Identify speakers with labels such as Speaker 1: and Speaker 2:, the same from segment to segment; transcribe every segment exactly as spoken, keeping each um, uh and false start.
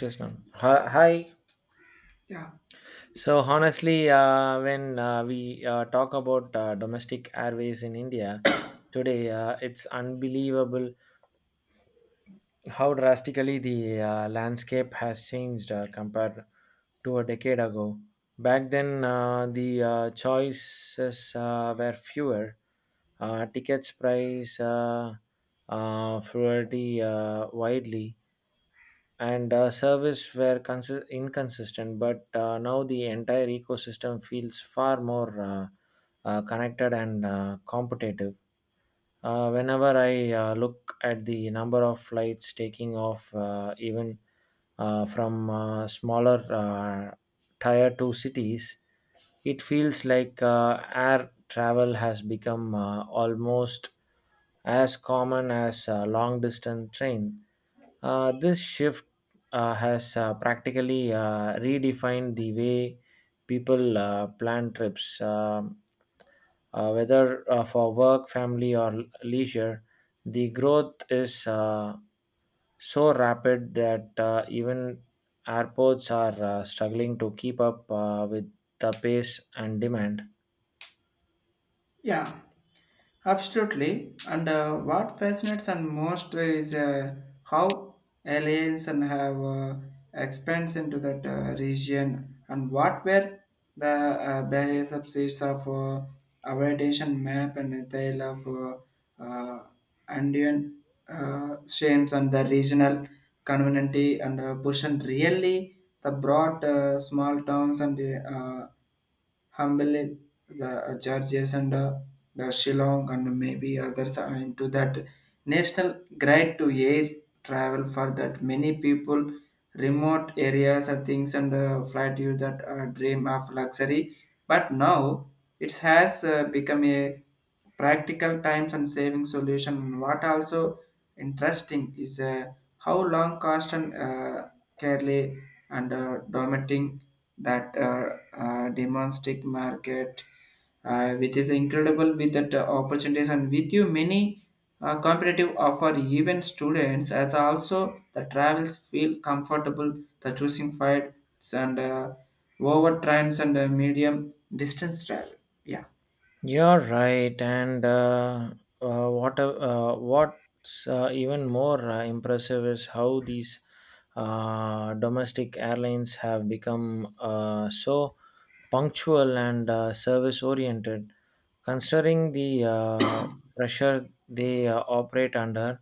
Speaker 1: Just now. Hi. hi.
Speaker 2: Yeah,
Speaker 1: So honestly, uh, when uh, we uh, talk about uh, domestic airways in India today, uh, it's unbelievable how drastically the uh, landscape has changed uh, compared to a decade ago. Back then, uh, the uh, choices uh, were fewer. Uh, tickets price uh, uh, fluidity uh, widely and uh, service were consi- inconsistent, but uh, now the entire ecosystem feels far more uh, uh, connected and uh, competitive. Uh, whenever I uh, look at the number of flights taking off, uh, even uh, from uh, smaller uh, tier two cities, it feels like uh, air travel has become uh, almost as common as uh, long distance train. Uh, this shift uh, has uh, practically uh, redefined the way people uh, plan trips, um, uh, whether uh, for work, family, or leisure. The growth is uh, so rapid that uh, even airports are uh, struggling to keep up uh, with the pace and demand.
Speaker 2: yeah, absolutely. And uh, what fascinates and most is uh, how aliens and have uh, expands into that uh, region, and what were the uh, barriers of seas of uh, aviation map, and the tale of uh, uh, Andean uh, shames and the regional community, and uh, push really the broad uh, small towns and uh, Humble, the Chargers, and uh, the Shillong, and maybe others are into that national grade to air travel for that many people, remote areas and things, and uh, flight you that uh, dream of luxury, but now it has uh, become a practical times and saving solution. What also interesting is uh, how long cost and uh, clearly and uh, dominating that uh, uh, domestic market, uh, which is incredible with that uh, opportunities, and with you many uh, competitive offer, even students as also the travels feel comfortable the choosing flights and uh, over trends and uh, medium distance travel. Yeah.
Speaker 1: You're right, and uh, uh, what uh, what's uh, even more uh, impressive is how these uh, domestic airlines have become uh, so punctual and uh, service oriented. Considering the uh, pressure they uh, operate under,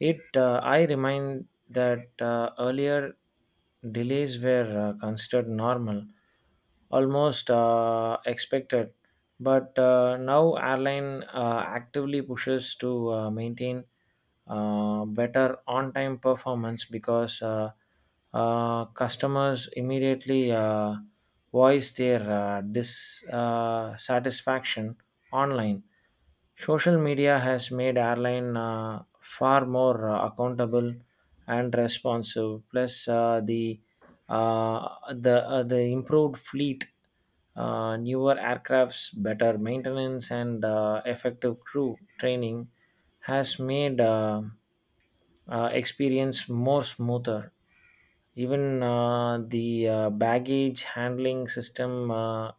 Speaker 1: it uh, I remind that uh, earlier delays were uh, considered normal, almost uh, expected, but uh, now airline uh, actively pushes to uh, maintain uh, better on-time performance because uh, uh, customers immediately uh, voice their uh, dissatisfaction online. Social media has made airline uh, far more uh, accountable and responsive. Plus, uh, the uh, the uh, the improved fleet, uh, newer aircrafts, better maintenance, and uh, effective crew training has made uh, uh, experience more smoother. Even uh, the uh, baggage handling system uh,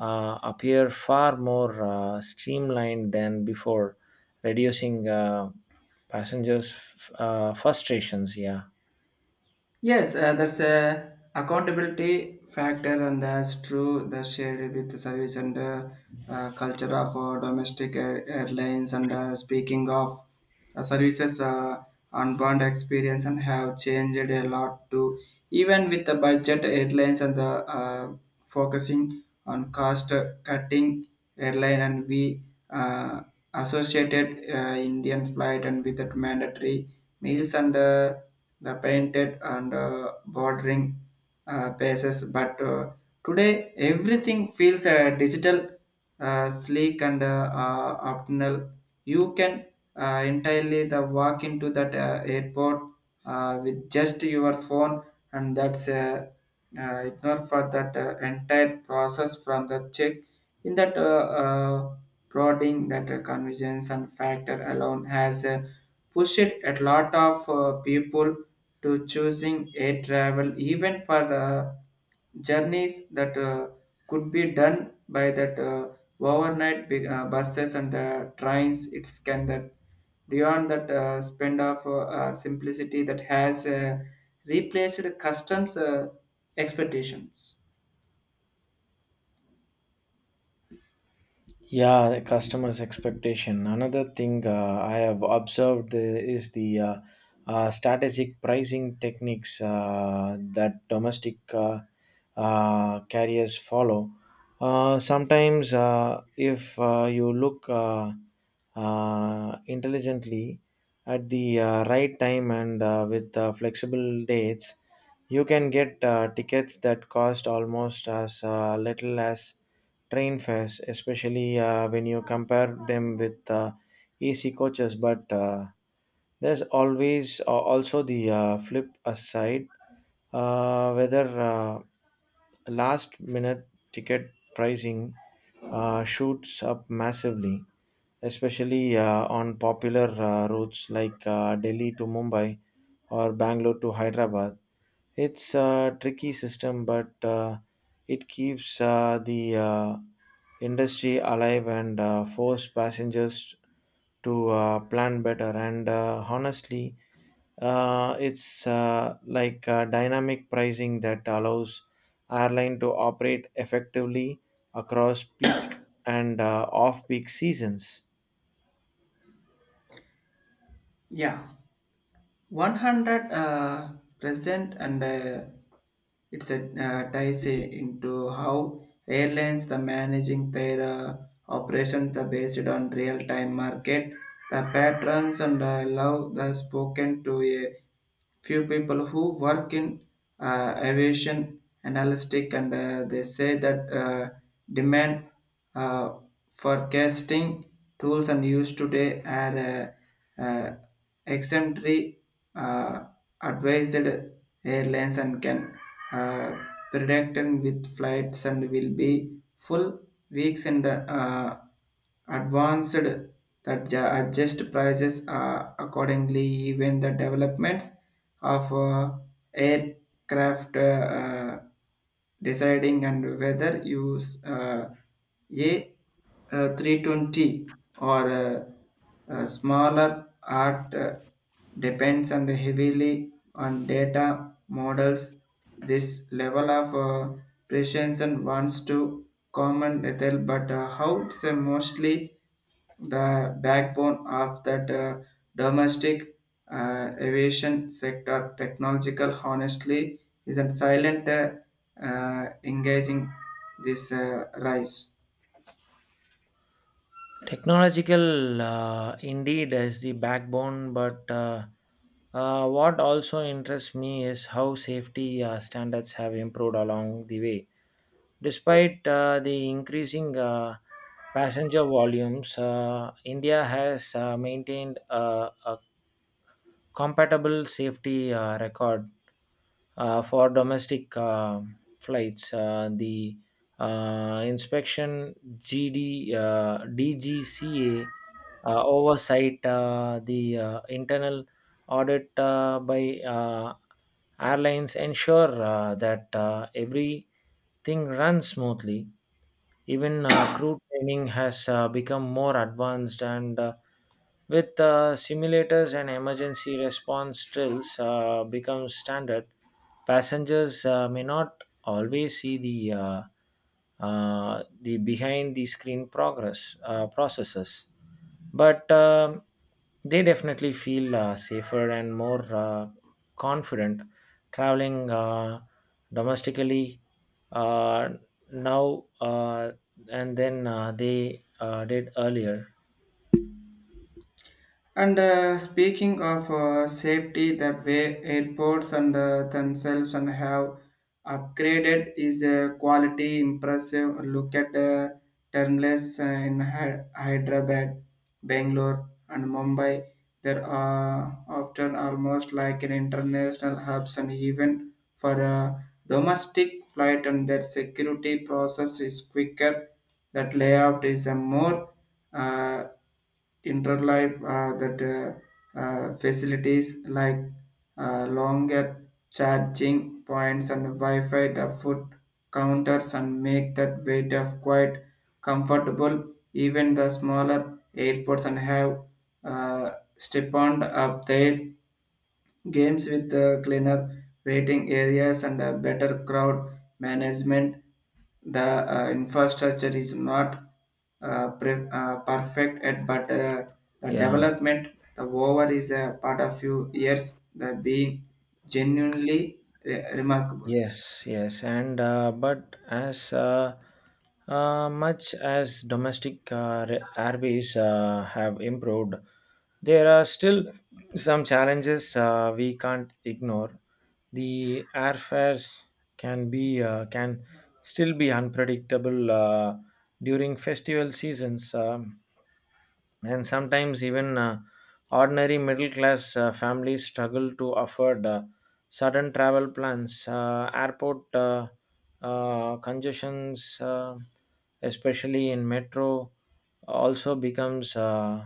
Speaker 1: uh, appear far more uh, streamlined than before, reducing uh, passengers' f- uh, frustrations. Yeah.
Speaker 2: Yes, uh, that's a accountability factor, and that's true. That shared with the service and uh, uh, culture of uh, domestic air- airlines. And uh, speaking of uh, services, uh, unbound experience and have changed a lot too. Even with the budget airlines and the uh, focusing on cost cutting airline, and we uh, associated uh, Indian flight, and with that mandatory meals and. Uh, The painted and uh, bordering uh, bases. But uh, today, everything feels uh, digital, uh, sleek, and uh, uh, optional. You can uh, entirely the walk into that uh, airport uh, with just your phone, and that's uh, uh, ignore for that uh, entire process from the check in that uh, uh, prodding that uh, convenience and factor alone has uh, pushed a lot of uh, people to choosing a travel even for uh, journeys that uh, could be done by that uh, overnight big, uh, buses and the trains. It's can that beyond that uh, spend of uh, uh, simplicity that has uh, replaced customs uh, expectations.
Speaker 1: Yeah, the customers' expectation. Another thing uh, I have observed uh, is the uh, uh, strategic pricing techniques uh, that domestic uh, uh, carriers follow. Uh, sometimes, uh, if uh, you look uh, uh, intelligently at the uh, right time and uh, with uh, flexible dates, you can get uh, tickets that cost almost as uh, little as train fares, especially uh, when you compare them with uh, A C coaches. But uh, there's always uh, also the uh, flip aside, uh, whether uh, last minute ticket pricing uh, shoots up massively, especially uh, on popular uh, routes like uh, Delhi to Mumbai or Bangalore to Hyderabad. It's a tricky system, but uh, it keeps uh, the uh, industry alive and uh, force passengers to uh, plan better. And uh, honestly, uh, it's uh, like uh, dynamic pricing that allows airline to operate effectively across peak and uh, off-peak seasons.
Speaker 2: Yeah. 100 uh, percent, and uh, it's a uh, ties into how airlines the managing their uh, operations the based on real time market, the patrons, and uh, love the spoken to a few people who work in uh, aviation analytic, and uh, they say that uh, demand uh, forecasting tools and used today are uh, uh, exemplary uh, advised airlines and can uh, predict and with flights and will be full weeks in the uh, advanced, that ju- adjust prices uh, accordingly, even the developments of uh, aircraft uh, uh, deciding and whether use uh, a uh, three twenty or uh, uh, smaller art uh, depends on the heavily on data models. This level of uh, precision wants to common lethal, but uh, how it's uh, mostly the backbone of that uh, domestic uh, aviation sector. Technological, honestly, is a silent uh, uh, engaging this uh, rise.
Speaker 1: Technological uh, indeed is the backbone, but uh, uh, what also interests me is how safety uh, standards have improved along the way. Despite uh, the increasing uh, passenger volumes, uh, India has uh, maintained uh, a, compatible safety uh, record uh, for domestic uh, flights. Uh, the uh, inspection G D uh, D G C A uh, oversight, uh, the uh, internal audit uh, by uh, airlines ensure uh, that uh, everything runs smoothly. Even uh, crew training has uh, become more advanced, and uh, with uh, simulators and emergency response drills uh, become standard, passengers uh, may not always see the uh, uh, the behind the screen progress uh, processes, but um, they definitely feel uh, safer and more uh, confident traveling uh, domestically uh, now uh, and then uh, they uh, did earlier.
Speaker 2: And uh, speaking of uh, safety, the way airports and uh, themselves and have upgraded is a quality impressive. Look at the terminals uh, in Hy- Hyderabad, Bangalore, and Mumbai. There are often almost like an international hubs, and even for a domestic flight, and their security process is quicker. That layout is a more uh, interlife uh, that uh, uh, facilities like uh, longer charging points and Wi-Fi, the food counters, and make that weight of quite comfortable. Even the smaller airports and have uh, stepped up there Games with uh, cleaner waiting areas and uh, better crowd management. The uh, infrastructure is not uh, pre- uh, perfect yet, but uh, the
Speaker 1: Yeah.
Speaker 2: development, the over is a part of few years, the being genuinely re- remarkable.
Speaker 1: Yes, yes, and uh, but as uh, uh, much as domestic uh, re- airways uh, have improved, there are still some challenges uh, we can't ignore. The airfares can be uh, can still be unpredictable uh, during festival seasons. Um and sometimes even uh, ordinary middle class uh, families struggle to afford uh, sudden travel plans. Uh, airport uh, uh, congestions, uh, especially in metro, also becomes uh,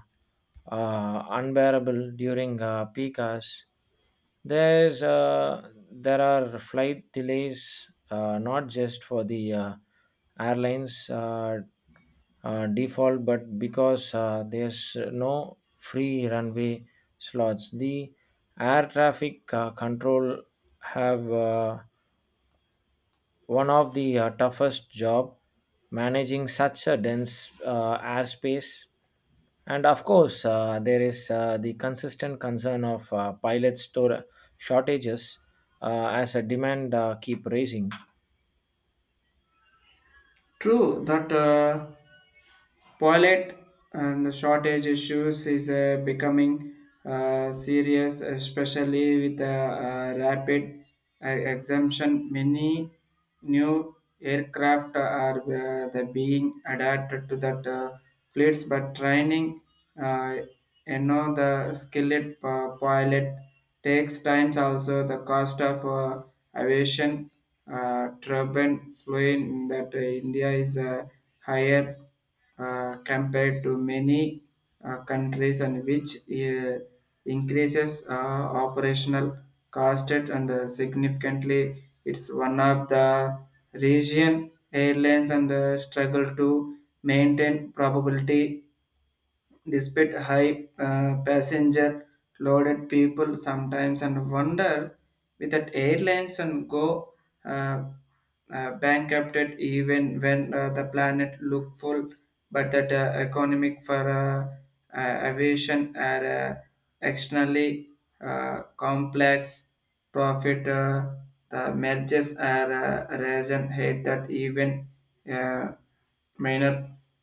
Speaker 1: uh, unbearable during uh, peak hours. There's uh, there are flight delays, uh, not just for the uh, airlines uh, uh, default, but because uh, there's no free runway slots, the air traffic uh, control have uh, one of the uh, toughest job managing such a dense uh, airspace. And of course, uh, there is uh, the consistent concern of uh, pilot store shortages uh, as a demand uh, keep raising.
Speaker 2: True that. Uh, Toilet and shortage issues is uh, becoming uh, serious, especially with the uh, rapid uh, exemption. Many new aircraft are uh, the being adapted to that uh, fleets, but training, uh, you know, the skilled uh, pilot takes times. Also, the cost of uh, aviation uh, turbine flying in that uh, India is uh, higher uh, compared to many uh, countries, and which uh, increases uh, operational cost, and uh, significantly it's one of the region airlines, and uh, struggle to maintain probability despite high uh, passenger loaded. People sometimes and wonder with that airlines and go uh, uh, bankrupted even when uh, the planet looked full, but that uh, economic for uh, uh, aviation are uh, externally uh, complex profit. Uh, the mergers are uh, reason hate that even uh, minor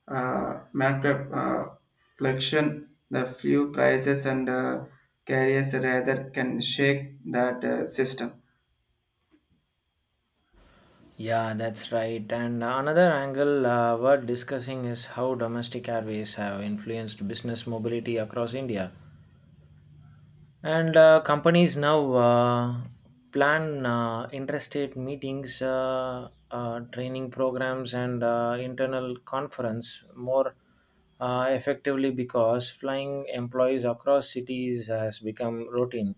Speaker 2: uh, manufacture, uh, fluctuation, the fuel prices, and uh, carriers rather can shake that uh, system.
Speaker 1: Yeah, that's right. And another angle uh, worth discussing is how domestic airways have influenced business mobility across India. And uh, companies now uh, plan uh, interstate meetings, uh, uh, training programs, and uh, internal conference more uh, effectively because flying employees across cities has become routine.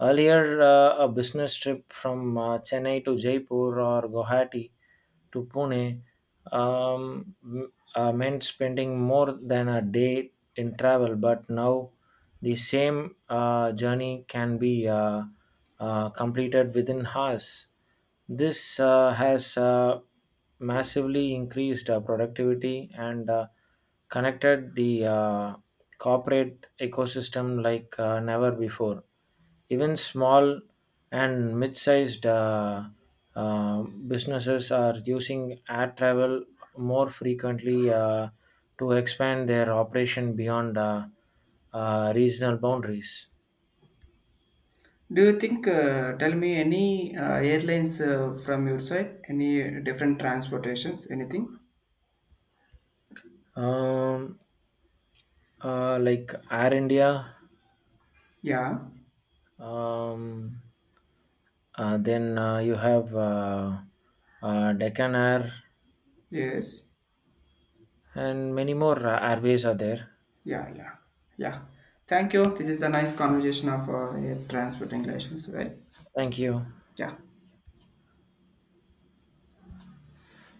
Speaker 1: Earlier, uh, a business trip from uh, Chennai to Jaipur or Guwahati to Pune um, m- uh, meant spending more than a day in travel, but now the same uh, journey can be uh, uh, completed within hours. This uh, has uh, massively increased uh, productivity and uh, connected the uh, corporate ecosystem like uh, never before. Even small and mid-sized uh, uh, businesses are using ad travel more frequently uh, to expand their operation beyond uh, uh, regional boundaries.
Speaker 2: Do you think, uh, tell me any uh, airlines uh, from your side, any different transportations, anything?
Speaker 1: Um, uh, like Air India,
Speaker 2: Yeah,
Speaker 1: um, uh, then uh, you have uh, uh, Deccan Air,
Speaker 2: yes,
Speaker 1: and many more uh, airways are there.
Speaker 2: yeah, yeah, yeah. Thank you. This is a nice conversation of uh, air transport relations, right?
Speaker 1: Thank you.
Speaker 2: Yeah.